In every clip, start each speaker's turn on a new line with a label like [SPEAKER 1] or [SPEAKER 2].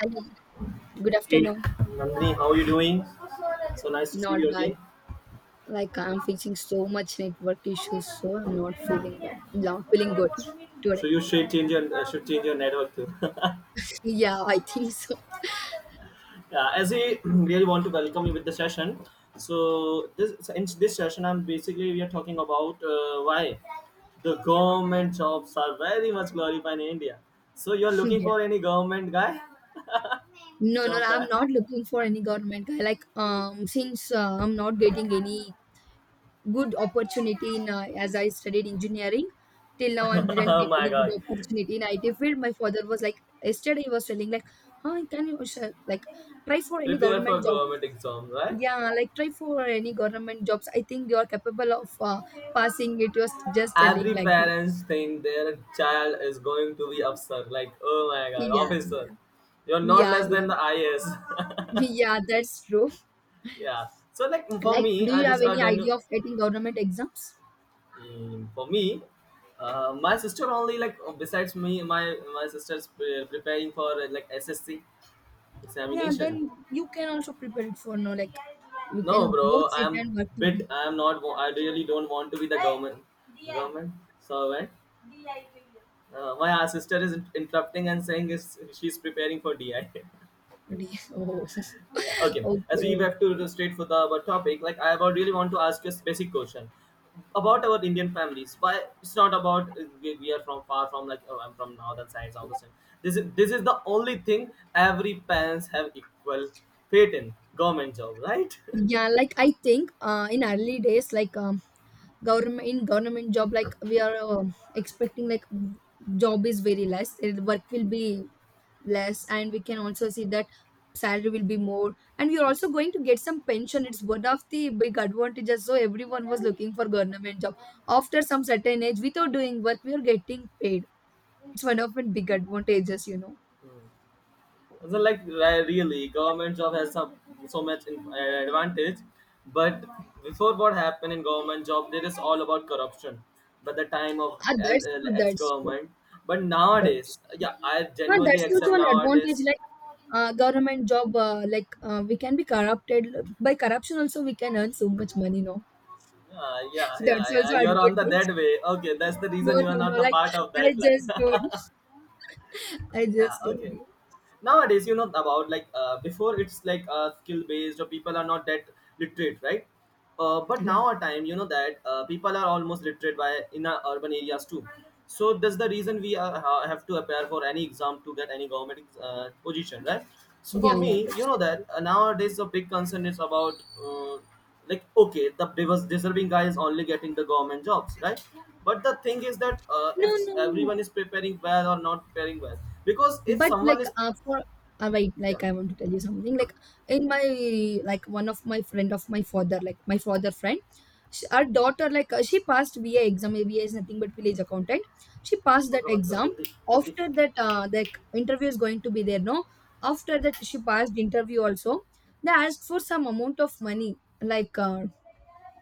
[SPEAKER 1] Hello, good
[SPEAKER 2] Hey,
[SPEAKER 1] afternoon.
[SPEAKER 2] Nandini, how are you doing? So nice to see
[SPEAKER 1] Not
[SPEAKER 2] you again.
[SPEAKER 1] bad. I'm facing so much network issues, so I'm not
[SPEAKER 2] Uh,
[SPEAKER 1] feeling well. Not feeling good today.
[SPEAKER 2] so you should change your network too.
[SPEAKER 1] Yeah, I think so.
[SPEAKER 2] Yeah, as we really want to welcome you with the session. So in this session, I'm basically we are talking about why the government jobs are very much glorified in India. So you're looking
[SPEAKER 1] Yeah.
[SPEAKER 2] for any government guy,
[SPEAKER 1] No, no,
[SPEAKER 2] job
[SPEAKER 1] I'm
[SPEAKER 2] guy?
[SPEAKER 1] not looking for any government guy. Like since I'm not getting any good opportunity in as I studied engineering, till now I didn't
[SPEAKER 2] Oh
[SPEAKER 1] get
[SPEAKER 2] my
[SPEAKER 1] any good
[SPEAKER 2] god,
[SPEAKER 1] opportunity in IT field. My father was like yesterday he was telling like, huh, can you sh- like try for any
[SPEAKER 2] prepare for
[SPEAKER 1] government job.
[SPEAKER 2] government exam, right?
[SPEAKER 1] Yeah, like try for any government jobs. I think you're capable of passing it. You're just telling
[SPEAKER 2] Every
[SPEAKER 1] like that.
[SPEAKER 2] parents think their child is going to be officer. Like, oh my god,
[SPEAKER 1] Yeah, yeah,
[SPEAKER 2] officer, you're not
[SPEAKER 1] yeah,
[SPEAKER 2] less
[SPEAKER 1] yeah,
[SPEAKER 2] than the IAS.
[SPEAKER 1] yeah. That's true.
[SPEAKER 2] Yeah. So like for
[SPEAKER 1] Like,
[SPEAKER 2] me,
[SPEAKER 1] do
[SPEAKER 2] I
[SPEAKER 1] you
[SPEAKER 2] just
[SPEAKER 1] have
[SPEAKER 2] I
[SPEAKER 1] any
[SPEAKER 2] don't.
[SPEAKER 1] idea of getting government exams?
[SPEAKER 2] Mm, for me, my sister only, like besides me, my sister's preparing for like SSC
[SPEAKER 1] Yeah,
[SPEAKER 2] examination.
[SPEAKER 1] then you can also prepare it for no. Like, you
[SPEAKER 2] No,
[SPEAKER 1] can both
[SPEAKER 2] bro,
[SPEAKER 1] sit
[SPEAKER 2] I'm
[SPEAKER 1] and work
[SPEAKER 2] bit.
[SPEAKER 1] together.
[SPEAKER 2] I'm not. Wa- I really don't want to be the government. Government servant. My sister is interrupting and saying is she's preparing for DI.
[SPEAKER 1] Oh,
[SPEAKER 2] Yeah, okay. As we
[SPEAKER 1] okay.
[SPEAKER 2] have to illustrate for the our topic, like I about really want to ask you a basic question about our Indian families. Why it's not about we are from far from, like, oh I'm from northern side, southern. This is the only thing every parents have equal fate in government job, right?
[SPEAKER 1] Yeah, like I think in early days, government job, like we are expecting like job is very less. Work will be less, and we can also see that salary will be more and we're also going to get some pension. It's one of the big advantages, so everyone was looking for government job. After some certain age without doing work, we are getting paid. It's one of the big advantages,
[SPEAKER 2] Hmm. So like, really, government job has some so much advantage, but before what happened in government job, there is all about corruption. By the time of
[SPEAKER 1] ah, that's true
[SPEAKER 2] ex
[SPEAKER 1] that's true
[SPEAKER 2] government, but
[SPEAKER 1] That's
[SPEAKER 2] nowadays, yeah, I
[SPEAKER 1] Ah,
[SPEAKER 2] genuinely
[SPEAKER 1] that's also
[SPEAKER 2] accept
[SPEAKER 1] an
[SPEAKER 2] nowadays.
[SPEAKER 1] advantage. Like government job, we can be corrupted by corruption. Also, we can earn so much money. No,
[SPEAKER 2] Yeah, yeah,
[SPEAKER 1] so
[SPEAKER 2] yeah,
[SPEAKER 1] that's
[SPEAKER 2] yeah.
[SPEAKER 1] also
[SPEAKER 2] You're on the
[SPEAKER 1] advantage.
[SPEAKER 2] that way. Okay, that's the
[SPEAKER 1] No,
[SPEAKER 2] reason you
[SPEAKER 1] no,
[SPEAKER 2] are not
[SPEAKER 1] no.
[SPEAKER 2] the
[SPEAKER 1] Like
[SPEAKER 2] part of
[SPEAKER 1] I
[SPEAKER 2] that line.
[SPEAKER 1] just told you. I
[SPEAKER 2] Yeah,
[SPEAKER 1] just told
[SPEAKER 2] okay.
[SPEAKER 1] you.
[SPEAKER 2] Nowadays you know about like before it's like skill based or people are not that literate, right? But now
[SPEAKER 1] Yeah.
[SPEAKER 2] our time you know that people are almost literate by in our urban areas too, so that's the reason we are, have to prepare for any exam to get any government position, right? So for
[SPEAKER 1] Yeah, yeah,
[SPEAKER 2] me you
[SPEAKER 1] that's
[SPEAKER 2] know that nowadays the big concern is about uh, like, okay, the deserving guy is only getting the government jobs, right? But the thing is that
[SPEAKER 1] no,
[SPEAKER 2] if
[SPEAKER 1] no,
[SPEAKER 2] everyone
[SPEAKER 1] no.
[SPEAKER 2] is preparing well or not preparing well, because if
[SPEAKER 1] But
[SPEAKER 2] someone
[SPEAKER 1] like
[SPEAKER 2] is
[SPEAKER 1] for right,
[SPEAKER 2] क्या
[SPEAKER 1] like I want to tell you something. Like in my one of my friend of my father, like my father friend, sh our daughter, like she passed VA exam. VA is nothing but village accountant. She passed
[SPEAKER 2] पंखा
[SPEAKER 1] that
[SPEAKER 2] बंद करो
[SPEAKER 1] exam.
[SPEAKER 2] जल्दी जल्दी
[SPEAKER 1] After that, the interview is going to be there. No, after that she passed interview also. They asked for some amount of money, like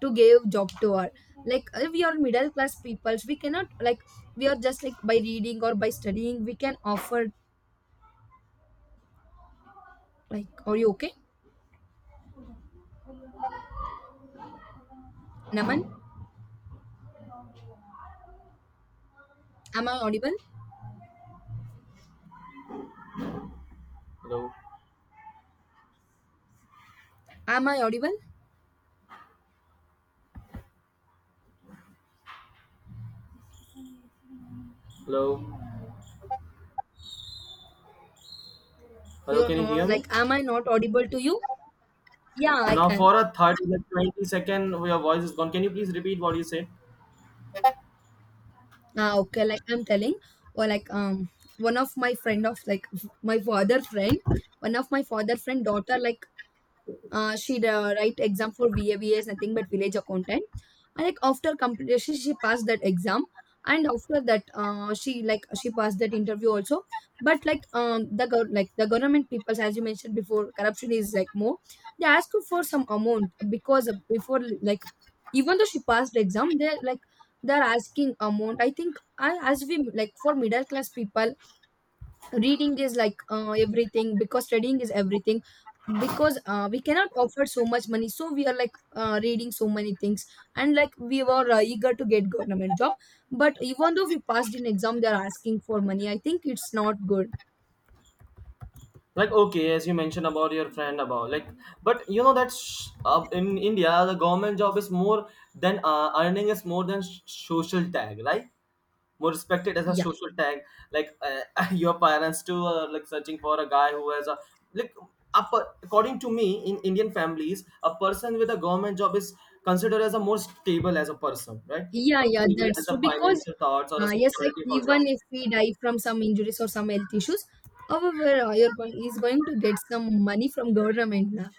[SPEAKER 1] to give job to her. Like we are middle class peoples, we cannot like, we are just like by reading or by studying we can offer. Like, are you okay, naman? Am I audible?
[SPEAKER 2] Hello
[SPEAKER 1] Am I audible?
[SPEAKER 2] Hello hello
[SPEAKER 1] You're
[SPEAKER 2] can you hear
[SPEAKER 1] not,
[SPEAKER 2] me
[SPEAKER 1] like am I not audible to you? Yeah, I
[SPEAKER 2] now for
[SPEAKER 1] can.
[SPEAKER 2] A 30 like 20-second your voice is gone, can you please repeat what you said?
[SPEAKER 1] Ah, okay, like I'm telling, or like one of my friend of like my father friend, one of my father friend daughter, like she write exam for VAVS, nothing but village accountant. And like after completion, she passed that exam, and after that, she she passed that interview also. But like the like the government peoples, as you mentioned before, corruption is like more. They ask you for some amount because before like, even though she passed the exam, they like they're asking amount. I think I, as we like for middle class people, reading is like everything, because studying is everything, because we cannot offer so much money, so we are like reading so many things and we were eager to get government job. But even though we passed in exam, they are asking for money. I think it's not good.
[SPEAKER 2] Like, okay, as you mentioned about your friend about, like, but you know that's, in india the government job is more than earning is more than social tag, right? More respected as a
[SPEAKER 1] Yeah,
[SPEAKER 2] social tag. Like, your parents too are like searching for a guy who has a like. According to me, in Indian families, a person with a government job is considered as a more stable as a person, right?
[SPEAKER 1] yeah,
[SPEAKER 2] More
[SPEAKER 1] yeah,
[SPEAKER 2] stable
[SPEAKER 1] that's
[SPEAKER 2] as
[SPEAKER 1] true.
[SPEAKER 2] a
[SPEAKER 1] Because
[SPEAKER 2] financial thoughts or a
[SPEAKER 1] yes, like
[SPEAKER 2] security for job.
[SPEAKER 1] even if we die from some injuries or some health issues, however you're going is going to get some money from government. Now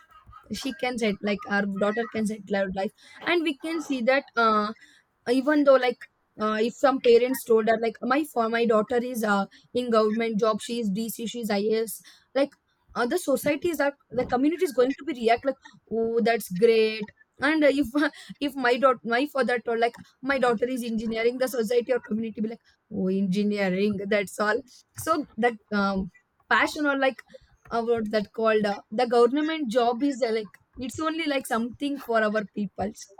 [SPEAKER 1] she can set, like our daughter can settle her life. And we can see that even though like if some parents told her like, my for my daughter is in government job, she is dc, she is IAS, like other societies are, the community is going to be react like, oh, that's great. And if if my daughter, my father told like, my daughter is engineering, the society or community be like, oh, engineering, that's all. So that um, passion or like, what that called the government job is like it's only like something for our people. So,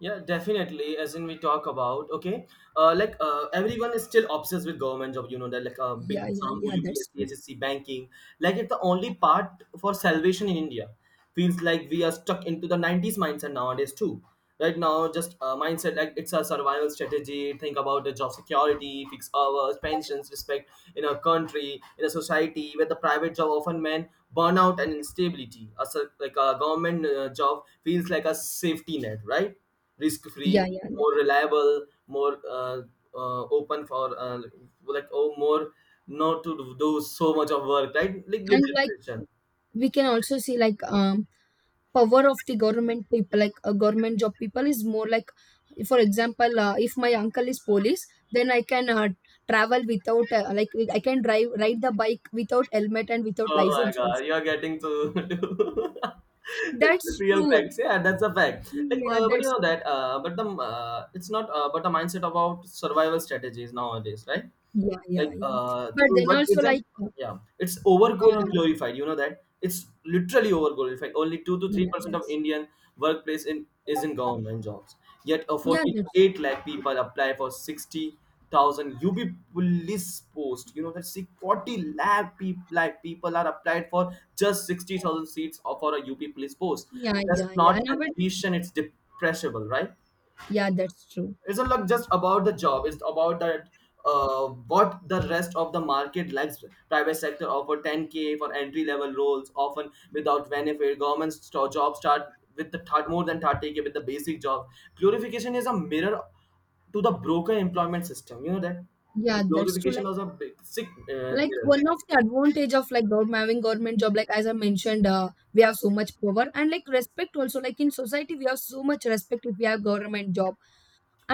[SPEAKER 2] Yeah, definitely, as in we talk about, okay, like, everyone is still obsessed with government job, you know that, like a big
[SPEAKER 1] yeah yeah
[SPEAKER 2] exam
[SPEAKER 1] yeah that's true
[SPEAKER 2] oupsc banking, like it's the only part for salvation in india. Feels like we are stuck into the 90s mindset nowadays too, right now. Just mindset, like it's a survival strategy. Think about the job security, fixed hours, pensions, respect in a country, in a society where the private job often meant burnout and instability. Like a government job feels like a safety net, right? Risk free,
[SPEAKER 1] Yeah, yeah. Like,
[SPEAKER 2] more reliable, more open for like, oh, more not to do so much of work, right? Like
[SPEAKER 1] and
[SPEAKER 2] little
[SPEAKER 1] like
[SPEAKER 2] pressure.
[SPEAKER 1] we can also see like power of the government people, like a government job people is more. Like, for example, if my uncle is police, then I can travel without I can drive ride the bike without helmet and without
[SPEAKER 2] Oh my
[SPEAKER 1] license
[SPEAKER 2] god,
[SPEAKER 1] also.
[SPEAKER 2] you are getting to to
[SPEAKER 1] That's
[SPEAKER 2] real
[SPEAKER 1] true.
[SPEAKER 2] facts. Yeah, that's a fact, like,
[SPEAKER 1] Yeah,
[SPEAKER 2] but you
[SPEAKER 1] that's
[SPEAKER 2] know
[SPEAKER 1] true.
[SPEAKER 2] that but the it's not but the mindset about survival strategies nowadays, right?
[SPEAKER 1] Yeah,
[SPEAKER 2] Like,
[SPEAKER 1] yeah, yeah. But
[SPEAKER 2] true,
[SPEAKER 1] then
[SPEAKER 2] but
[SPEAKER 1] also
[SPEAKER 2] isn't yeah it's over
[SPEAKER 1] um,
[SPEAKER 2] glorified, you know that, it's literally over glorified. Only 2 to 3
[SPEAKER 1] yeah,
[SPEAKER 2] percent of
[SPEAKER 1] that's
[SPEAKER 2] indian workplace in is in government jobs, yet a
[SPEAKER 1] yeah, that's
[SPEAKER 2] 48 lakh people apply for 60,000 UB police post, you know that. See, 40 lakh people like people are applied for just 60,000 seats for a UP police post.
[SPEAKER 1] yeah,
[SPEAKER 2] That's
[SPEAKER 1] yeah, yeah.
[SPEAKER 2] not
[SPEAKER 1] Nowadays,
[SPEAKER 2] ambition, it's depreciable, right?
[SPEAKER 1] yeah, that's true.
[SPEAKER 2] It's not like just about the job, it's about that, uh, what the rest of the market lacks. Private sector offer 10K for entry level roles often without benefit, government jobs start with the more than 30K with the basic job. Glorification is a mirror to the broken employment system, you know that.
[SPEAKER 1] Yeah, that's true.
[SPEAKER 2] Glorification
[SPEAKER 1] Like
[SPEAKER 2] was a big sick
[SPEAKER 1] like
[SPEAKER 2] mirror.
[SPEAKER 1] one of the advantage of like government, having government job, like as I mentioned, we have so much power and like respect also. Like in society we have so much respect if we have government job.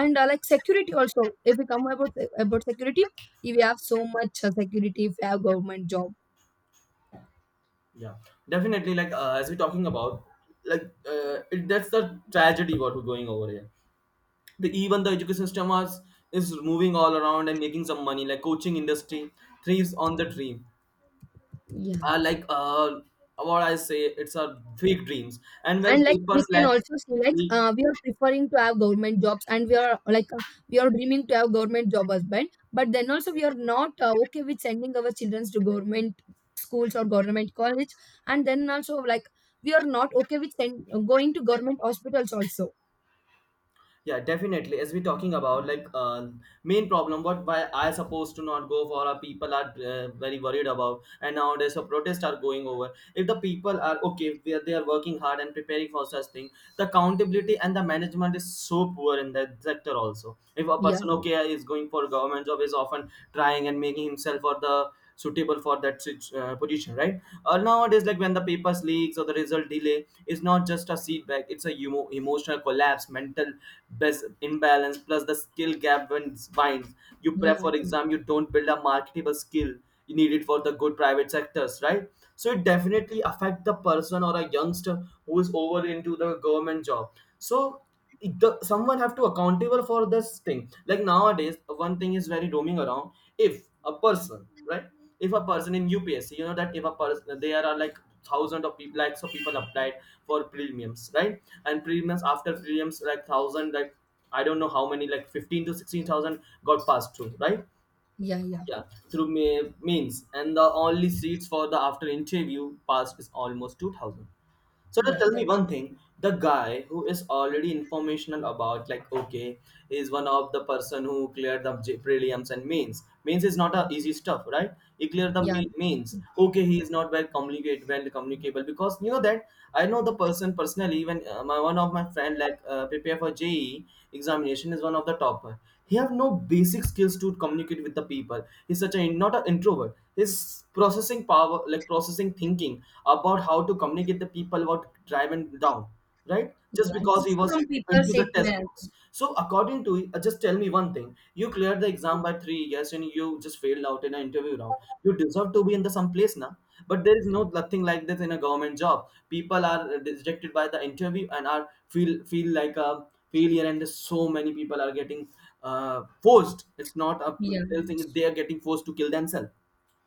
[SPEAKER 1] And like security also. If we come about security, we have so much security if we have government job.
[SPEAKER 2] Yeah, definitely, like, as we're talking about, like, that's the tragedy what we're going over here. The even the education system was is moving all around and making some money, like coaching industry thrives on the dream.
[SPEAKER 1] Yeah.
[SPEAKER 2] Like, what I say, it's a fake dreams, and when
[SPEAKER 1] And like
[SPEAKER 2] people
[SPEAKER 1] we can
[SPEAKER 2] lack,
[SPEAKER 1] also see like we are preferring to have government jobs and we are like we are dreaming to have government job husband, but then also we are not okay with sending our children to government schools or government college. And then also like we are not okay with going to government hospitals also.
[SPEAKER 2] yeah, definitely, as we talking about, like, main problem, what why I supposed to not go for, our people are very worried about, and nowadays a protest are going over. If the people are okay, they are working hard and preparing for such thing. The accountability and the management is so poor in that sector also. If a
[SPEAKER 1] Yeah
[SPEAKER 2] person, okay,
[SPEAKER 1] that's,
[SPEAKER 2] is going for government job, is often trying and making himself for the suitable for that position, right? Nowadays, like when the papers leaks or the result delay, it's not just a setback, it's a emotional collapse, mental imbalance plus the skill gap when it's binds. You prep
[SPEAKER 1] yeah
[SPEAKER 2] for exam, you don't build a marketable skill needed for the good private sectors, right? So it definitely affect the person or a youngster who is over into the government job. So someone have to accountable for this thing, like nowadays one thing is very roaming around. If a person, right, if a person in upsc, you know that, if a person, there are like thousand of people, lakhs of people applied for prelims, right? And prelims, after prelims, like thousand like, I don't know how many, like 15 to 16,000 got passed through, right?
[SPEAKER 1] yeah yeah yeah
[SPEAKER 2] Yeah, through me means, and the only seats for the after interview passed is almost 2000. So now
[SPEAKER 1] yeah
[SPEAKER 2] tell me
[SPEAKER 1] that's
[SPEAKER 2] one thing. The guy who is already informational about, like, okay, is one of the person who cleared the prelims and mains. Mains is not a easy stuff, right? He cleared the
[SPEAKER 1] yeah that's
[SPEAKER 2] mains.
[SPEAKER 1] true.
[SPEAKER 2] Okay, he is not well communicable because you know that i know the person personally. Even my one of my friend, like prepare for JE examination, is one of the topper. He have no basic skills to communicate with the people, he's such a not an introvert. His processing power, like processing thinking about how to communicate the people about driving down, right, just
[SPEAKER 1] Yeah, so
[SPEAKER 2] because he was
[SPEAKER 1] some people
[SPEAKER 2] into
[SPEAKER 1] say
[SPEAKER 2] the
[SPEAKER 1] it
[SPEAKER 2] test
[SPEAKER 1] may happen.
[SPEAKER 2] books. So according to, just tell me one thing, you cleared the exam by 3 years and you just failed out in an interview round. You deserve to be in the some place now. But there is no nothing like this in a government job. People are rejected by the interview and are feel like a failure, and so many people are getting forced. It's not a,
[SPEAKER 1] Yeah.
[SPEAKER 2] they'll think they are getting forced to kill themselves.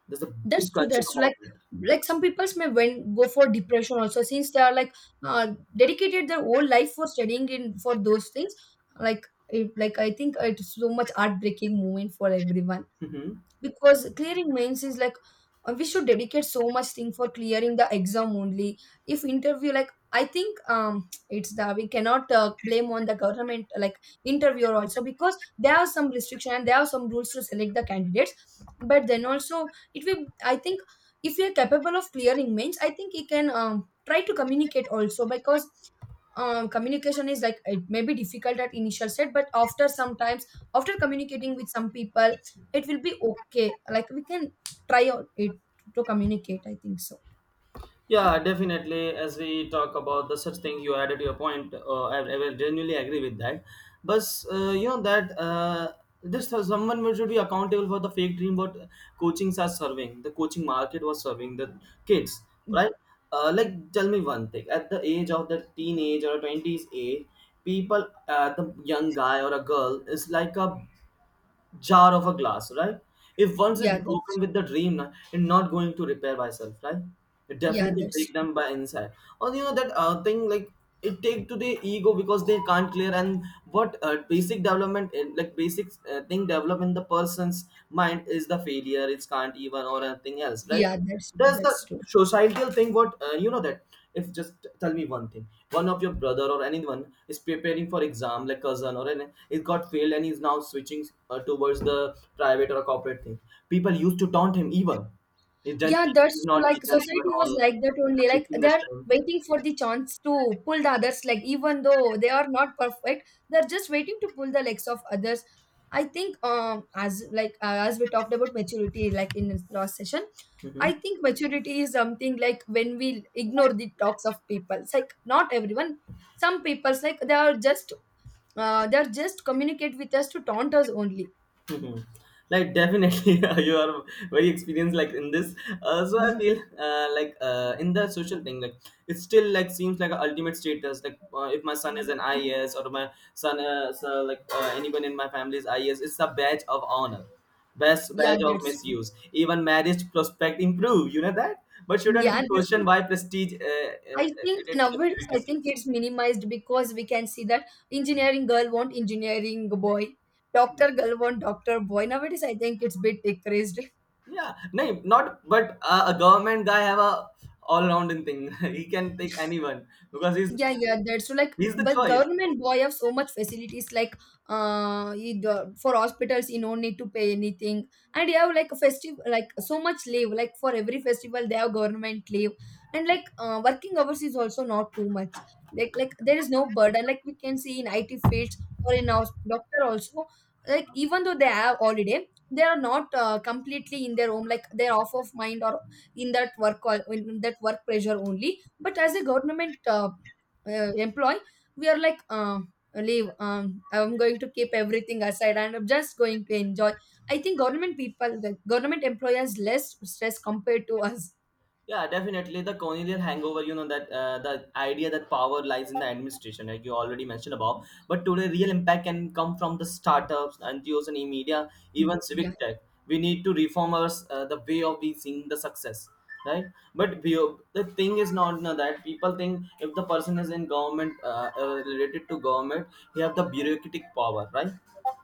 [SPEAKER 2] There's a big
[SPEAKER 1] That's true.
[SPEAKER 2] culture
[SPEAKER 1] That's true.
[SPEAKER 2] about
[SPEAKER 1] Like
[SPEAKER 2] it.
[SPEAKER 1] like some people's may when go for depression also, since they are like dedicated their whole life for studying in for those things. Like it, like I think it's so much heartbreaking moment for everyone,
[SPEAKER 2] Hmm.
[SPEAKER 1] because clearing mains is like we should dedicate so much thing for clearing the exam only. If interview, like I think it's the, we cannot blame on the government like interviewer also, because there are some restriction and there are some rules to select the candidates. But then also it will, I think, if we are capable of clearing mains, I think he can try to communicate also, because communication is like it may be difficult at initial set, but after sometimes, after communicating with some people, it will be okay. Like we can try out it to communicate, I think so.
[SPEAKER 2] Yeah, definitely. As we talk about the such thing, you added your point. I will genuinely agree with that. But you know that this someone who should be accountable for the fake dream what coachings are serving. The coaching market was serving the kids, right? Like tell me one thing. At the age of the teenage or twenties age, people, the young guy or a girl is like a jar of a glass, right? If once it's
[SPEAKER 1] yeah
[SPEAKER 2] broken
[SPEAKER 1] that's
[SPEAKER 2] with the dream, na, it's not going to repair by itself, right? It
[SPEAKER 1] yeah
[SPEAKER 2] definitely break
[SPEAKER 1] that's
[SPEAKER 2] them by inside. Or you know that thing, like it take to the ego because they can't clear, and what basic development like basic thing develop in the person's mind is the failure. It's can't even or anything else, right? Does the
[SPEAKER 1] that's true.
[SPEAKER 2] societal thing, what you know that, if just tell me one thing, one of your brother or anyone is preparing for exam, like cousin or any, it got failed and he's now switching towards the private or corporate thing, people used to taunt him. Even he's done,
[SPEAKER 1] Yeah,
[SPEAKER 2] he's
[SPEAKER 1] that's true.
[SPEAKER 2] not, he's
[SPEAKER 1] Like
[SPEAKER 2] done even
[SPEAKER 1] society was
[SPEAKER 2] all
[SPEAKER 1] like that only. Like
[SPEAKER 2] wasting the
[SPEAKER 1] they're
[SPEAKER 2] time.
[SPEAKER 1] waiting for the chance to pull the others. Like even though they are not perfect, they're just waiting to pull the legs of others. I think as we talked about maturity like in this last session, I think maturity is something like when we ignore the talks of people. It's like not everyone. Some people's like they are just communicate with us to taunt us only.
[SPEAKER 2] Mhm. Like definitely you are very experienced like in this so I feel in the social thing like it still like seems like a ultimate status like if my son is an IAS or my son is anyone in my family is IAS, it's a badge of honor, best
[SPEAKER 1] Yeah,
[SPEAKER 2] badge of
[SPEAKER 1] that's true.
[SPEAKER 2] misuse, even marriage prospect improve, you know that, but shouldn't
[SPEAKER 1] Yeah,
[SPEAKER 2] be
[SPEAKER 1] that's
[SPEAKER 2] questioned
[SPEAKER 1] true.
[SPEAKER 2] why prestige
[SPEAKER 1] I think
[SPEAKER 2] it is the
[SPEAKER 1] nowadays, I think
[SPEAKER 2] prerequisite.
[SPEAKER 1] it's minimized, because we can see that engineering girl want engineering boy, doctor girl want doctor boy. Nowadays, I think it's bit decreased.
[SPEAKER 2] Yeah, no, not but a government guy have a all rounding thing. He can take anyone because he's
[SPEAKER 1] Yeah, yeah, that's true. Like,
[SPEAKER 2] he's the
[SPEAKER 1] but
[SPEAKER 2] choice.
[SPEAKER 1] government boy have so much facilities. Like, for hospitals, you don't need to pay anything, and you have like a festival, like so much leave. Like for every festival, they have government leave, and like working hours is also not too much. There is no burden. Like we can see in IT fields or in our doctor also. Like even though they have holiday, they are not completely in their home. Like they're off of mind or in that work pressure only. But as a government. Employ, we are like leave, I'm going to keep everything aside and I'm just going to enjoy. I think government people, the government employers less stress compared to us.
[SPEAKER 2] Yeah, definitely. The colonial hangover, you know, that the idea that power lies in the administration, like you already mentioned about. But today, real impact can come from the startups, NGOs, and e-media,
[SPEAKER 1] Mm,
[SPEAKER 2] even
[SPEAKER 1] yeah
[SPEAKER 2] civic tech. We need to reform our, the way of we seeing the success, right? But we, the thing is not no, that people think if the person is in government, related to government, he have the bureaucratic power, right?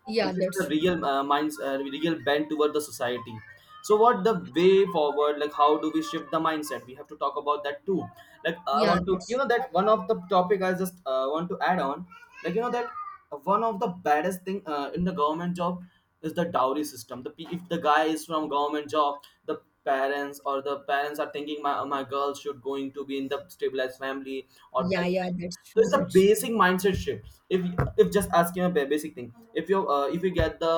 [SPEAKER 1] yeah
[SPEAKER 2] Which is the
[SPEAKER 1] that's true
[SPEAKER 2] real minds real bent toward the society. So what the way forward, like how do we shift the mindset, we have to talk about that too. I
[SPEAKER 1] yeah
[SPEAKER 2] want to you
[SPEAKER 1] that's
[SPEAKER 2] know that one of the topic I just want to add on, like you know that one of the baddest thing in the government job is the dowry system. The if the guy is from government job, the parents, or the parents are thinking my girl should going to be in the stabilized family or that
[SPEAKER 1] yeah yeah
[SPEAKER 2] thing. So it's a
[SPEAKER 1] that's true
[SPEAKER 2] basic mindset shift. If just asking a basic thing, if you get the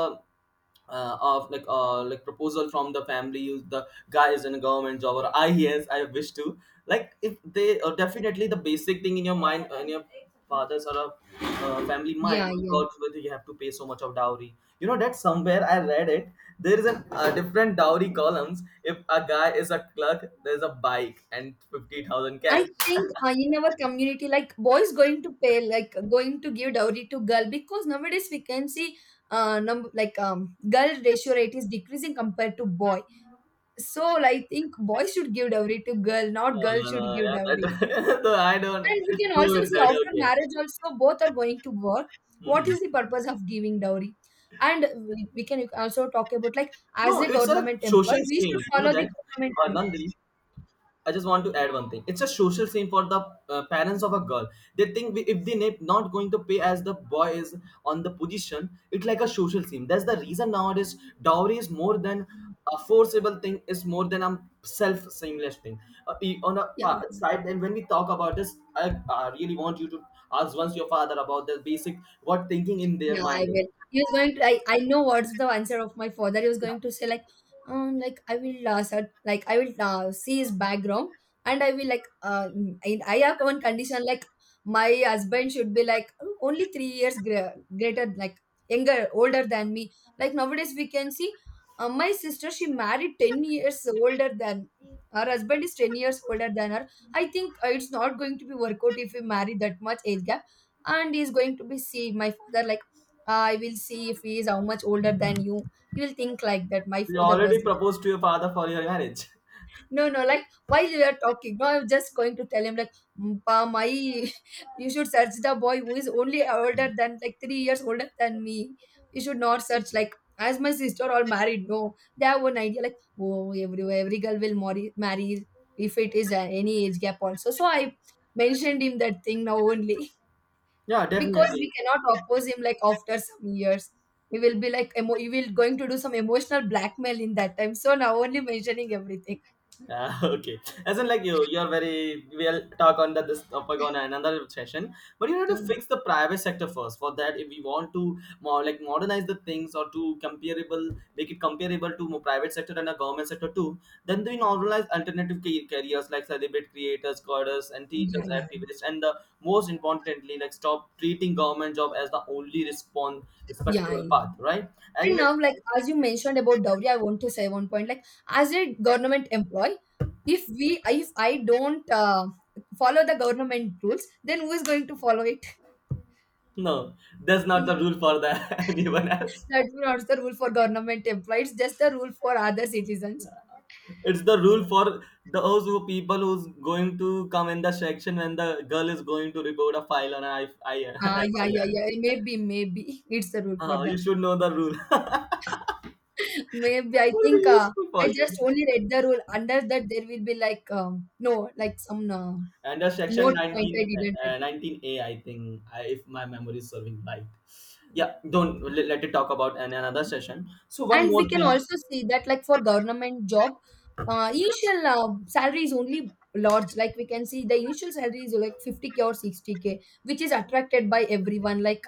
[SPEAKER 2] of like proposal from the family, the guy is in a government job, or I, yes, I wish to, like if they definitely the basic thing in your mind, in your father's or a family mind
[SPEAKER 1] yeah
[SPEAKER 2] will go
[SPEAKER 1] yeah
[SPEAKER 2] to whether you have to pay so much of dowry. You know that somewhere I read it, there is an different dowry columns. If a guy is a clerk, there's a bike and 50,000
[SPEAKER 1] I
[SPEAKER 2] cash.
[SPEAKER 1] think in our community, like boys going to pay, like going to give dowry to girl, because nowadays we can see girl ratio rate is decreasing compared to boy. So I think boys should give dowry to girl, not
[SPEAKER 2] No,
[SPEAKER 1] girl
[SPEAKER 2] no, no,
[SPEAKER 1] should give
[SPEAKER 2] yeah, that
[SPEAKER 1] dowry.
[SPEAKER 2] no, I don't
[SPEAKER 1] And we can
[SPEAKER 2] do
[SPEAKER 1] also
[SPEAKER 2] it
[SPEAKER 1] see
[SPEAKER 2] that,
[SPEAKER 1] after
[SPEAKER 2] okay.
[SPEAKER 1] marriage also both are going to work.
[SPEAKER 2] Mhm.
[SPEAKER 1] What is the purpose of giving dowry? And we can also talk about like as
[SPEAKER 2] No,
[SPEAKER 1] a
[SPEAKER 2] it's a
[SPEAKER 1] government
[SPEAKER 2] social
[SPEAKER 1] employee, we
[SPEAKER 2] shame.
[SPEAKER 1] should
[SPEAKER 2] You know
[SPEAKER 1] follow
[SPEAKER 2] that,
[SPEAKER 1] the government rule.
[SPEAKER 2] Nandi. I just want to add one thing. It's a social shame for the parents of a girl. They think we- if they na- not going to pay as the boy is on the position, it's like a social shame. That's the reason nowadays dowry is more than a forcible thing. Is more than a self shameless thing. On a pa-
[SPEAKER 1] Yeah.
[SPEAKER 2] side, and when we talk about this, I really want you to ask once your father about the basic what thinking in their
[SPEAKER 1] Yeah, I
[SPEAKER 2] mind is.
[SPEAKER 1] will. He was going to. I know what's the answer of my father. He was
[SPEAKER 2] Yeah.
[SPEAKER 1] going to say like I will search, like I will see his background, and I will like I have one condition like my husband should be like only 3 years greater, like younger, older than me. Like nowadays we can see, my sister she married 10 years older than her husband is 10 years older than her. I think it's not going to be work out if we marry that much age gap, and he's going to be see my father like I will see if he is how much older than you. He will think like that. My
[SPEAKER 2] You
[SPEAKER 1] father was
[SPEAKER 2] already
[SPEAKER 1] like,
[SPEAKER 2] proposed to your father for your marriage.
[SPEAKER 1] no, no, like while we are talking, no, I'm just going to tell him like, "Mm, pa, my, you should search the boy who is only older than like 3 years older than me. You should not search like as my sister all married. No, they have one idea like, oh, every girl will marry if it is any age gap also. So I mentioned him that thing now only,
[SPEAKER 2] Yeah,
[SPEAKER 1] because
[SPEAKER 2] definitely.
[SPEAKER 1] we cannot oppose him like after some years we will be like you will going to do some emotional blackmail in that time, so now only mentioning everything."
[SPEAKER 2] Yeah, okay. As in, like you're very. We'll talk on that this topic on another session. But you need to
[SPEAKER 1] Oh,
[SPEAKER 2] fix the private sector first. For that, if we want to more like modernize the things or to comparable, make it comparable to more private sector and a government sector too, then we normalize alternative careers like celebrate creators, coders, and
[SPEAKER 1] yeah,
[SPEAKER 2] teachers,
[SPEAKER 1] yeah,
[SPEAKER 2] activists, and the most importantly, like stop treating government job as the only respond
[SPEAKER 1] yeah,
[SPEAKER 2] respectable path. Right? And
[SPEAKER 1] and now like as you mentioned about dowry, I want to say one point like, as a government employee, if I don't follow the government rules, then who is going to follow it?
[SPEAKER 2] no, that's not the rule for the anyone else.
[SPEAKER 1] That's not the rule for government employees, just the rule for other citizens.
[SPEAKER 2] It's the rule for those who people who's going to come in the section when the girl is going to report a file on F
[SPEAKER 1] Ah, yeah,
[SPEAKER 2] I
[SPEAKER 1] yeah, yeah. Maybe it's the rule
[SPEAKER 2] R.
[SPEAKER 1] for
[SPEAKER 2] You
[SPEAKER 1] them.
[SPEAKER 2] should know the rule.
[SPEAKER 1] Maybe
[SPEAKER 2] It
[SPEAKER 1] I
[SPEAKER 2] will be
[SPEAKER 1] think
[SPEAKER 2] useful
[SPEAKER 1] I
[SPEAKER 2] for you.
[SPEAKER 1] just only read the rule. Under that, there will be like no, like some
[SPEAKER 2] And the section
[SPEAKER 1] note point.
[SPEAKER 2] 19,
[SPEAKER 1] I didn't read
[SPEAKER 2] 19A, I think, I, if my memory is serving right.
[SPEAKER 1] it.
[SPEAKER 2] Yeah, don't let, let it talk about an, another session. So one
[SPEAKER 1] And we
[SPEAKER 2] more
[SPEAKER 1] can
[SPEAKER 2] thing.
[SPEAKER 1] also see that like for government job, initial salary is only large, like we can see the initial salary is like 50K or 60K, which is attracted by everyone. Like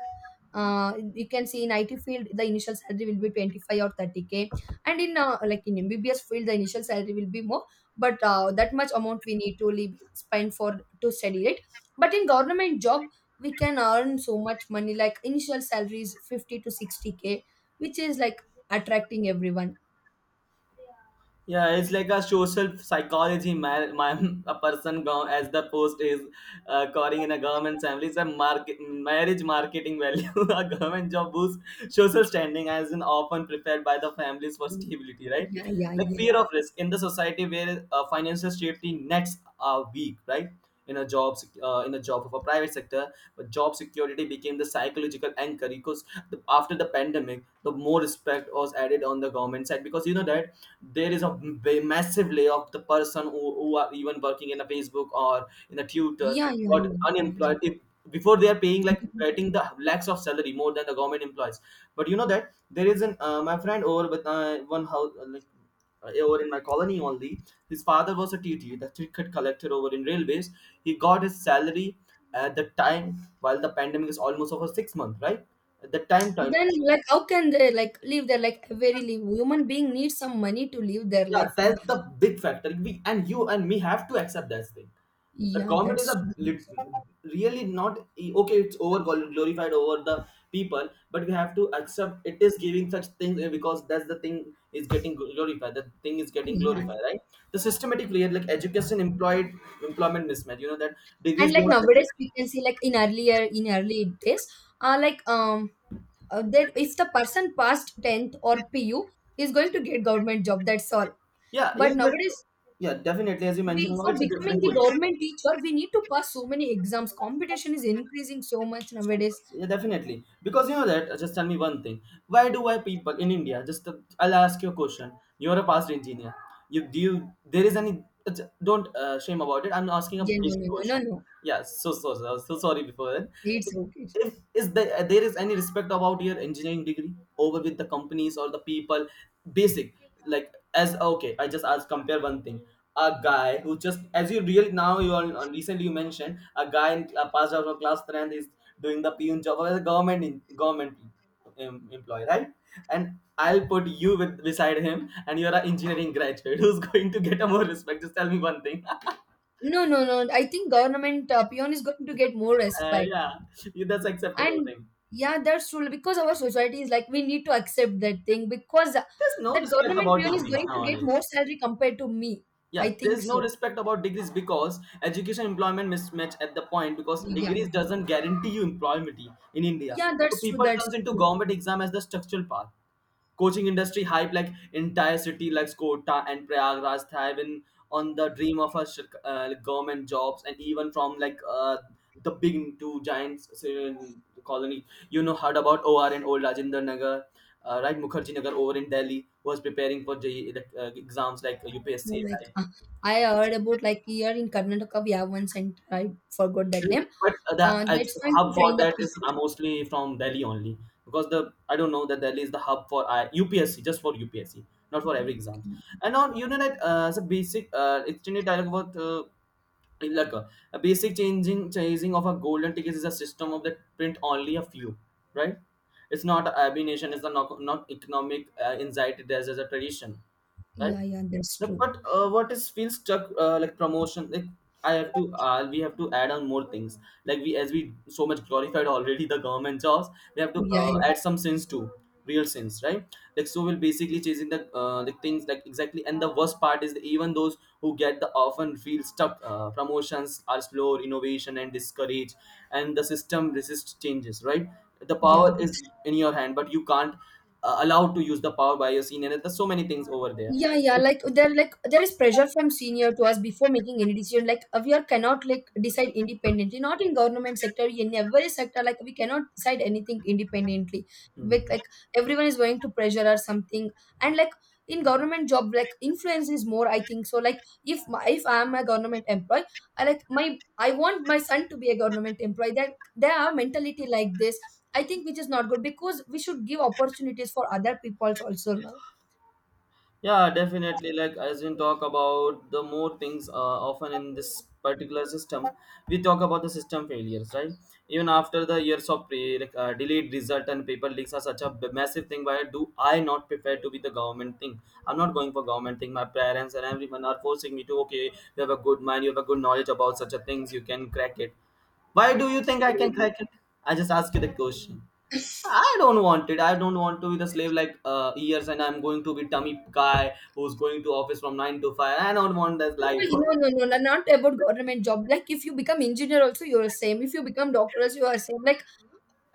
[SPEAKER 1] you can see in IT field the initial salary will be 25 or 30K, and in like in MBBS field the initial salary will be more, but that much amount we need to leave, spend for to study, right? But in government job, we can earn so much money, like initial salary is 50 to 60K, which is like attracting everyone.
[SPEAKER 2] Yeah, it's like a social psychology. My a person go, as the post is calling in a government family. It's a market marriage marketing value. A government job boosts social standing, as in often prepared by the families for stability, right?
[SPEAKER 1] Yeah, yeah,
[SPEAKER 2] Like
[SPEAKER 1] yeah.
[SPEAKER 2] fear of risk in the society where financial safety nets are weak, right? In a in a job of a private sector, but job security became the psychological anchor because the, after the pandemic the more respect was added on the government side because you know that there is a massive layoff, the person who are even working in a facebook or in a tutor
[SPEAKER 1] Yeah, yeah,
[SPEAKER 2] got
[SPEAKER 1] yeah, yeah, yeah.
[SPEAKER 2] unemployed. If before they are paying like getting the lakhs of salary more than the government employees, but you know that there is an my friend over with one house like, over in my colony only. His father was a T T, the ticket collector over in railways. He got his salary at the time while the pandemic is almost over 6 months, right? At the time.
[SPEAKER 1] Then, like, how can they like live their like very live? Human being needs some money to live their
[SPEAKER 2] Yeah,
[SPEAKER 1] life now.
[SPEAKER 2] that's the big factor. We and you and me have to accept that thing. The
[SPEAKER 1] Yeah,
[SPEAKER 2] comedies
[SPEAKER 1] that's
[SPEAKER 2] are
[SPEAKER 1] true.
[SPEAKER 2] li-
[SPEAKER 1] That's true.
[SPEAKER 2] really not e, okay, it's over glorified over the people, but we have to accept it is giving such things because that's the thing is getting glorified, the thing is getting
[SPEAKER 1] Yeah,
[SPEAKER 2] glorified, right? The systematic layer like education employed employment mismatch, you know that
[SPEAKER 1] and
[SPEAKER 2] degrees
[SPEAKER 1] like
[SPEAKER 2] don't.
[SPEAKER 1] nowadays we can see like in early days, uh, like um, that if the person passed tenth or PU is going to get government job. That's all.
[SPEAKER 2] Yeah, you
[SPEAKER 1] But
[SPEAKER 2] know that.
[SPEAKER 1] nowadays,
[SPEAKER 2] Yeah, definitely, as you mentioned,
[SPEAKER 1] we, for
[SPEAKER 2] it's a
[SPEAKER 1] becoming
[SPEAKER 2] different
[SPEAKER 1] the
[SPEAKER 2] position.
[SPEAKER 1] government teacher, we need to pass so many exams, competition is increasing so much
[SPEAKER 2] So
[SPEAKER 1] nowadays.
[SPEAKER 2] much. Yeah, definitely. Because you know that, just tell me one thing. Why people in India, just I'll ask you a question. You're a past engineer. You do you, there is any, don't shame about it. I'm asking a
[SPEAKER 1] Yeah, no,
[SPEAKER 2] basic
[SPEAKER 1] no, no, no,
[SPEAKER 2] question.
[SPEAKER 1] no.
[SPEAKER 2] Yeah, so, so, so, so sorry before that.
[SPEAKER 1] It's okay.
[SPEAKER 2] If is there, there is any respect about your engineering degree over with the companies or the people, basic, like as okay, I just ask compare one thing, a guy who just as you really now you all recently you mentioned a guy in passed out of class 10 and is doing the peon job as a government government employee, right? And I'll put you with beside him and you're an engineering graduate who's going to get a more respect, just tell me one thing.
[SPEAKER 1] No, no, no, I think government peon is going to get more respect.
[SPEAKER 2] Yeah, that's acceptable
[SPEAKER 1] And
[SPEAKER 2] thing.
[SPEAKER 1] yeah, that's true, because our society is like we need to accept that thing, because
[SPEAKER 2] There's no
[SPEAKER 1] that
[SPEAKER 2] respect
[SPEAKER 1] government
[SPEAKER 2] about
[SPEAKER 1] peon is
[SPEAKER 2] degrees
[SPEAKER 1] going to get
[SPEAKER 2] nowadays.
[SPEAKER 1] more salary compared to me.
[SPEAKER 2] Yeah,
[SPEAKER 1] I
[SPEAKER 2] there's
[SPEAKER 1] think
[SPEAKER 2] no
[SPEAKER 1] so.
[SPEAKER 2] respect about degrees because education employment mismatch at the point because
[SPEAKER 1] Yeah,
[SPEAKER 2] degrees doesn't guarantee you employment in India.
[SPEAKER 1] yeah,
[SPEAKER 2] So
[SPEAKER 1] that's true.
[SPEAKER 2] people turns
[SPEAKER 1] That's
[SPEAKER 2] into
[SPEAKER 1] true.
[SPEAKER 2] government exam as the structural path. Coaching industry hype like entire city like Kota and Prayagraj thriving on the dream of a like, government jobs, and even from like the big two giants colony. You know heard about OR and Old Rajinder Nagar, right? Mukherjee Nagar over in Delhi was preparing for the exams like
[SPEAKER 1] Oh,
[SPEAKER 2] UPSC,
[SPEAKER 1] like I heard about like here in Karnataka we have one center. I forgot that name.
[SPEAKER 2] but the uh,
[SPEAKER 1] That's fine to
[SPEAKER 2] hub for
[SPEAKER 1] train the
[SPEAKER 2] that is
[SPEAKER 1] people.
[SPEAKER 2] mostly from Delhi only, because the I don't know that Delhi is the hub for UPSC, just for UPSC, not for every
[SPEAKER 1] Mhm.
[SPEAKER 2] exam. And on Uninet as a basic extended dialogue about a basic changing chasing of a golden ticket is a system of that print only a few, right? It's not a nation, it's a not, not economic anxiety, there's as a tradition, right?
[SPEAKER 1] Yeah, yeah, that's
[SPEAKER 2] No,
[SPEAKER 1] true.
[SPEAKER 2] but what is feels stuck like promotion? Like I have to, we have to add on more things. Like we, as we so much glorified already the government jobs, we have to
[SPEAKER 1] Yeah, yeah,
[SPEAKER 2] add some sins too, real sins, right? Like so, we're basically chasing the like things like exactly. And the worst part is that even those who get the often feel stuck. Promotions are slow, innovation and discouraged, and the system resists changes, right? The
[SPEAKER 1] yeah.
[SPEAKER 2] power is in your hand, but you can't allow to use the power by your senior. And there's so many things over there.
[SPEAKER 1] Yeah, yeah. Like there is pressure from senior to us before making any decision. Like we are cannot like decide independently. Not in government sector, in every sector. Like we cannot decide anything independently.
[SPEAKER 2] Hmm.
[SPEAKER 1] Like everyone is going to pressure or something. And like in government job, like influence is more. I think so. Like if I am a government employee, I want my son to be a government employee. That they have mentality like this. I think which is not good, because we should give opportunities for other peoples also
[SPEAKER 2] Yeah, definitely. Like as we talk about the more things, often in this particular system, we talk about the system failures, right? Even after the years of pre, like delayed result and paper leaks are such a massive thing. Why do I not prefer to be the government thing? I'm not going for government thing. My parents and everyone are forcing me to. Okay, you have a good mind, you have a good knowledge about such a things. You can crack it. Why do you think I can
[SPEAKER 1] now.
[SPEAKER 2] crack it? I just ask you the question. I don't want it. I don't want to be the slave like years, and I'm going to be dummy guy who's going to office from 9 to 5. I don't want that life.
[SPEAKER 1] No, no, no, no, not about government job. Like if you become engineer also, you're same. If you become doctor also, you are same. Like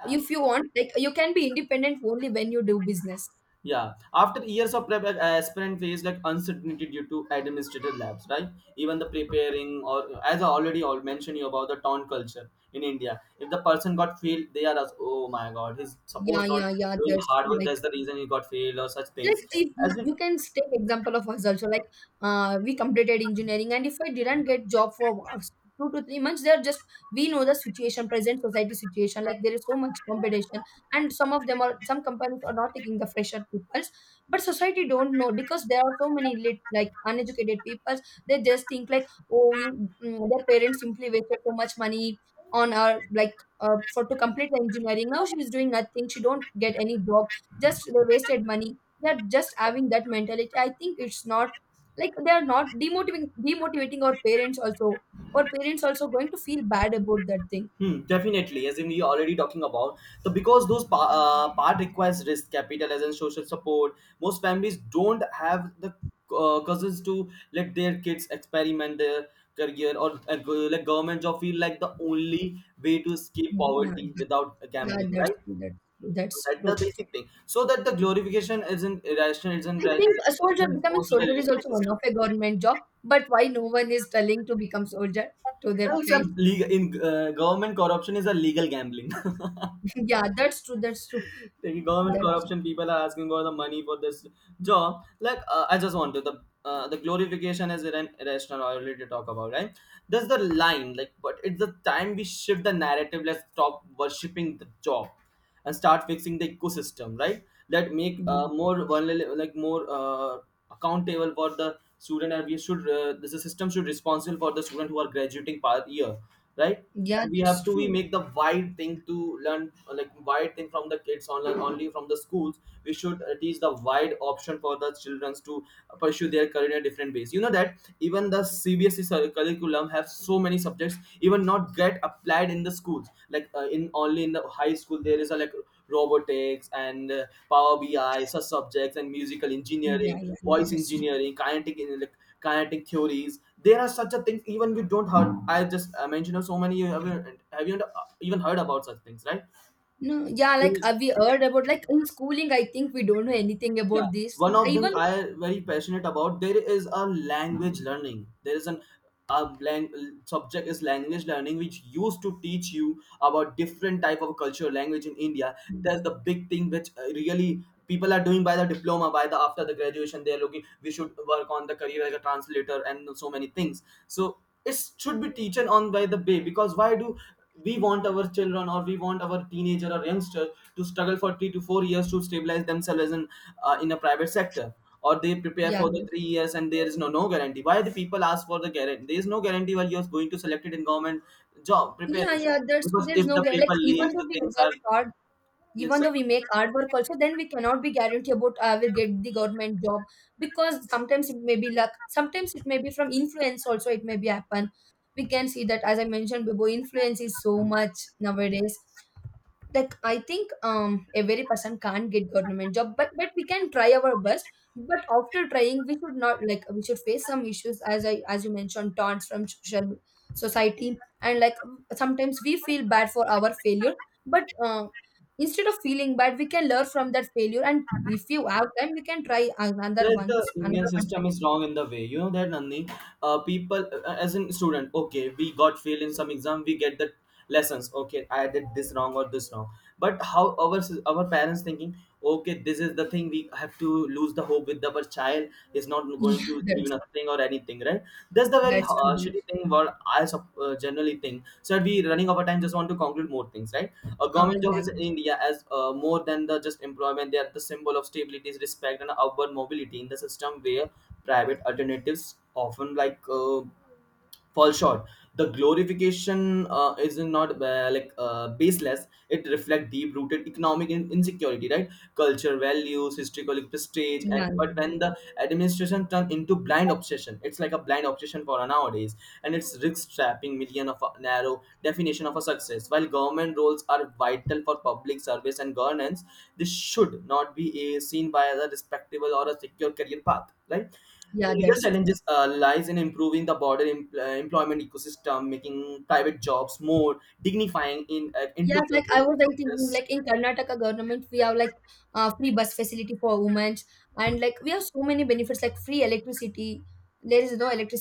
[SPEAKER 1] if you want, like you can be independent only when you do business.
[SPEAKER 2] Yeah. After years of prep, aspirant face like uncertainty due to administrative labs, right? Even the preparing, or as I already all mentioned you about the town culture in India. If the person got failed, they are as oh my god, he's
[SPEAKER 1] Yeah,
[SPEAKER 2] supposed not
[SPEAKER 1] yeah, yeah.
[SPEAKER 2] doing
[SPEAKER 1] That's
[SPEAKER 2] hard
[SPEAKER 1] true.
[SPEAKER 2] work.
[SPEAKER 1] Like
[SPEAKER 2] That's the reason he got failed or such
[SPEAKER 1] Like
[SPEAKER 2] things.
[SPEAKER 1] if
[SPEAKER 2] As in,
[SPEAKER 1] you can take example of us also, like we completed engineering, and if I didn't get job for 2 to 3 months, they're just, we know the situation, present society situation. Like there is so much competition, and some companies are not taking the fresher peoples, but society don't know because there are so many like uneducated peoples. They just think like, oh, you their parents simply wasted so much money on our like for to complete the engineering. Now she is doing nothing. She don't get any job. Just they wasted money, they're just having that mentality. I think it's not like they are not demotivating our parents also, our parents also going to feel bad about that thing.
[SPEAKER 2] hmm, definitely, as in we already talking about so because those part requires risk capital as in social support. Most families don't have the cousins to let their kids experiment their career or like government job feel like the only way to escape
[SPEAKER 1] Yeah,
[SPEAKER 2] poverty without
[SPEAKER 1] yeah,
[SPEAKER 2] gambling,
[SPEAKER 1] that's
[SPEAKER 2] right?
[SPEAKER 1] true. That's true.
[SPEAKER 2] So
[SPEAKER 1] That's
[SPEAKER 2] that's
[SPEAKER 1] true.
[SPEAKER 2] the basic thing. So that the glorification is an irrational,
[SPEAKER 1] I think a soldier,
[SPEAKER 2] irrational
[SPEAKER 1] becoming
[SPEAKER 2] response to the
[SPEAKER 1] soldier is
[SPEAKER 2] irrational
[SPEAKER 1] also one
[SPEAKER 2] system.
[SPEAKER 1] of a government job, but why no one is telling to become soldier to their
[SPEAKER 2] You know, it's a
[SPEAKER 1] child?
[SPEAKER 2] legal in government corruption is a legal gambling.
[SPEAKER 1] Yeah, that's true. That's true.
[SPEAKER 2] The government
[SPEAKER 1] That's
[SPEAKER 2] corruption people are asking for the money for this job like I just want to the glorification is irrational, I already talk about, right? That's the line, like, but it's the time we shift the narrative. Let's stop worshipping the job and start fixing the ecosystem, right? That make
[SPEAKER 1] yeah,
[SPEAKER 2] more vulnerable, like more accountable for the student, and we should, the system should responsible for the student who are graduating per year, right?
[SPEAKER 1] yeah,
[SPEAKER 2] And we
[SPEAKER 1] that's
[SPEAKER 2] have to, we
[SPEAKER 1] true.
[SPEAKER 2] make the wide thing to learn like wide thing from the kids, only from the schools. We should teach the wide option for the childrens to pursue their career in a different ways. You know that even the CBSE curriculum have so many subjects even not get applied in the schools, like in only in the high school there is a like robotics and Power BI, such subjects, and musical
[SPEAKER 1] Yeah,
[SPEAKER 2] engineering,
[SPEAKER 1] yeah, yeah,
[SPEAKER 2] voice
[SPEAKER 1] that's true.
[SPEAKER 2] engineering, like kinetic theories. There are such a things even you don't heard. I just mentioned so many. Have you even heard about such things, right?
[SPEAKER 1] No, yeah, like we heard about like in schooling, I think we don't know anything
[SPEAKER 2] Yeah,
[SPEAKER 1] about these
[SPEAKER 2] one
[SPEAKER 1] things.
[SPEAKER 2] of them
[SPEAKER 1] Even
[SPEAKER 2] I very passionate about. There is a language learning, there is an a lang- subject is language learning which used to teach you about different type of culture language in India. That's
[SPEAKER 1] Mm.
[SPEAKER 2] the big thing which, really people are doing by the diploma by the after the graduation they're looking we should work on the career as a translator and so many things. So it should be teaching on by the way, because why do we want our children or we want our teenager or youngster to struggle for 3 to 4 years to stabilize themselves as in a private sector, or they prepare
[SPEAKER 1] Yeah,
[SPEAKER 2] for the 3 years and there is no guarantee? Why the people ask for the guarantee? There is no guarantee while you're going to select it in government job
[SPEAKER 1] yeah,
[SPEAKER 2] preparing,
[SPEAKER 1] yeah. There's so
[SPEAKER 2] because
[SPEAKER 1] there's
[SPEAKER 2] if
[SPEAKER 1] no
[SPEAKER 2] the
[SPEAKER 1] guarantee. Like
[SPEAKER 2] people
[SPEAKER 1] even
[SPEAKER 2] leave the
[SPEAKER 1] though we
[SPEAKER 2] things are
[SPEAKER 1] work hard,
[SPEAKER 2] yes.
[SPEAKER 1] even though we make hard work also, then we cannot be guaranteed about I will get the government job, because sometimes it may be luck, sometimes it may be from influence also. It may be happen. We can see that, as I mentioned before, influence is so much nowadays. Like I think every person can't get government job, but we can try our best. But after trying we should not like, we should face some issues, as you mentioned, taunts from social society. And like sometimes we feel bad for our failure, but instead of feeling bad we can learn from that failure, and if you have time we can try another
[SPEAKER 2] That the
[SPEAKER 1] once
[SPEAKER 2] Indian
[SPEAKER 1] another one
[SPEAKER 2] system
[SPEAKER 1] time.
[SPEAKER 2] is wrong in the way. You know that, Nandini, people as in student. Okay, we got fail in some exam. We get the lessons. Okay, I did this wrong or this wrong. But how our our parents thinking? Okay, this is the thing, we have to lose the hope with our child is not going
[SPEAKER 1] Yeah,
[SPEAKER 2] to achieve even
[SPEAKER 1] that's
[SPEAKER 2] a or anything, right? That's the very
[SPEAKER 1] that's true.
[SPEAKER 2] shitty thing what I generally think. So that we running over time, just want to conclude more things, right? A government job
[SPEAKER 1] Yeah,
[SPEAKER 2] is in
[SPEAKER 1] yeah,
[SPEAKER 2] India as more than the just employment. They are the symbol of stability, respect, and upward mobility in the system where private alternatives often like. Fall short. The glorification is not baseless. It reflects deep rooted economic insecurity, right, culture values, historical prestige, and
[SPEAKER 1] yeah,
[SPEAKER 2] but
[SPEAKER 1] yeah,
[SPEAKER 2] when the
[SPEAKER 1] yeah.
[SPEAKER 2] administration turn into blind obsession, it's like a blind obsession for nowadays, and it's risk trapping million of a narrow definition of a success. While government roles are vital for public service and governance, this should not be seen by as a respectable or a secure career path, right?
[SPEAKER 1] Yeah,
[SPEAKER 2] The real
[SPEAKER 1] that's true.
[SPEAKER 2] challenges lies in improving the broader employment ecosystem, making private jobs more dignifying in
[SPEAKER 1] Yes, like I was like thinking, like
[SPEAKER 2] entrepreneurial
[SPEAKER 1] in Karnataka government, we have like free bus facility for women, and like we have so many benefits, like free electricity. There is no electricity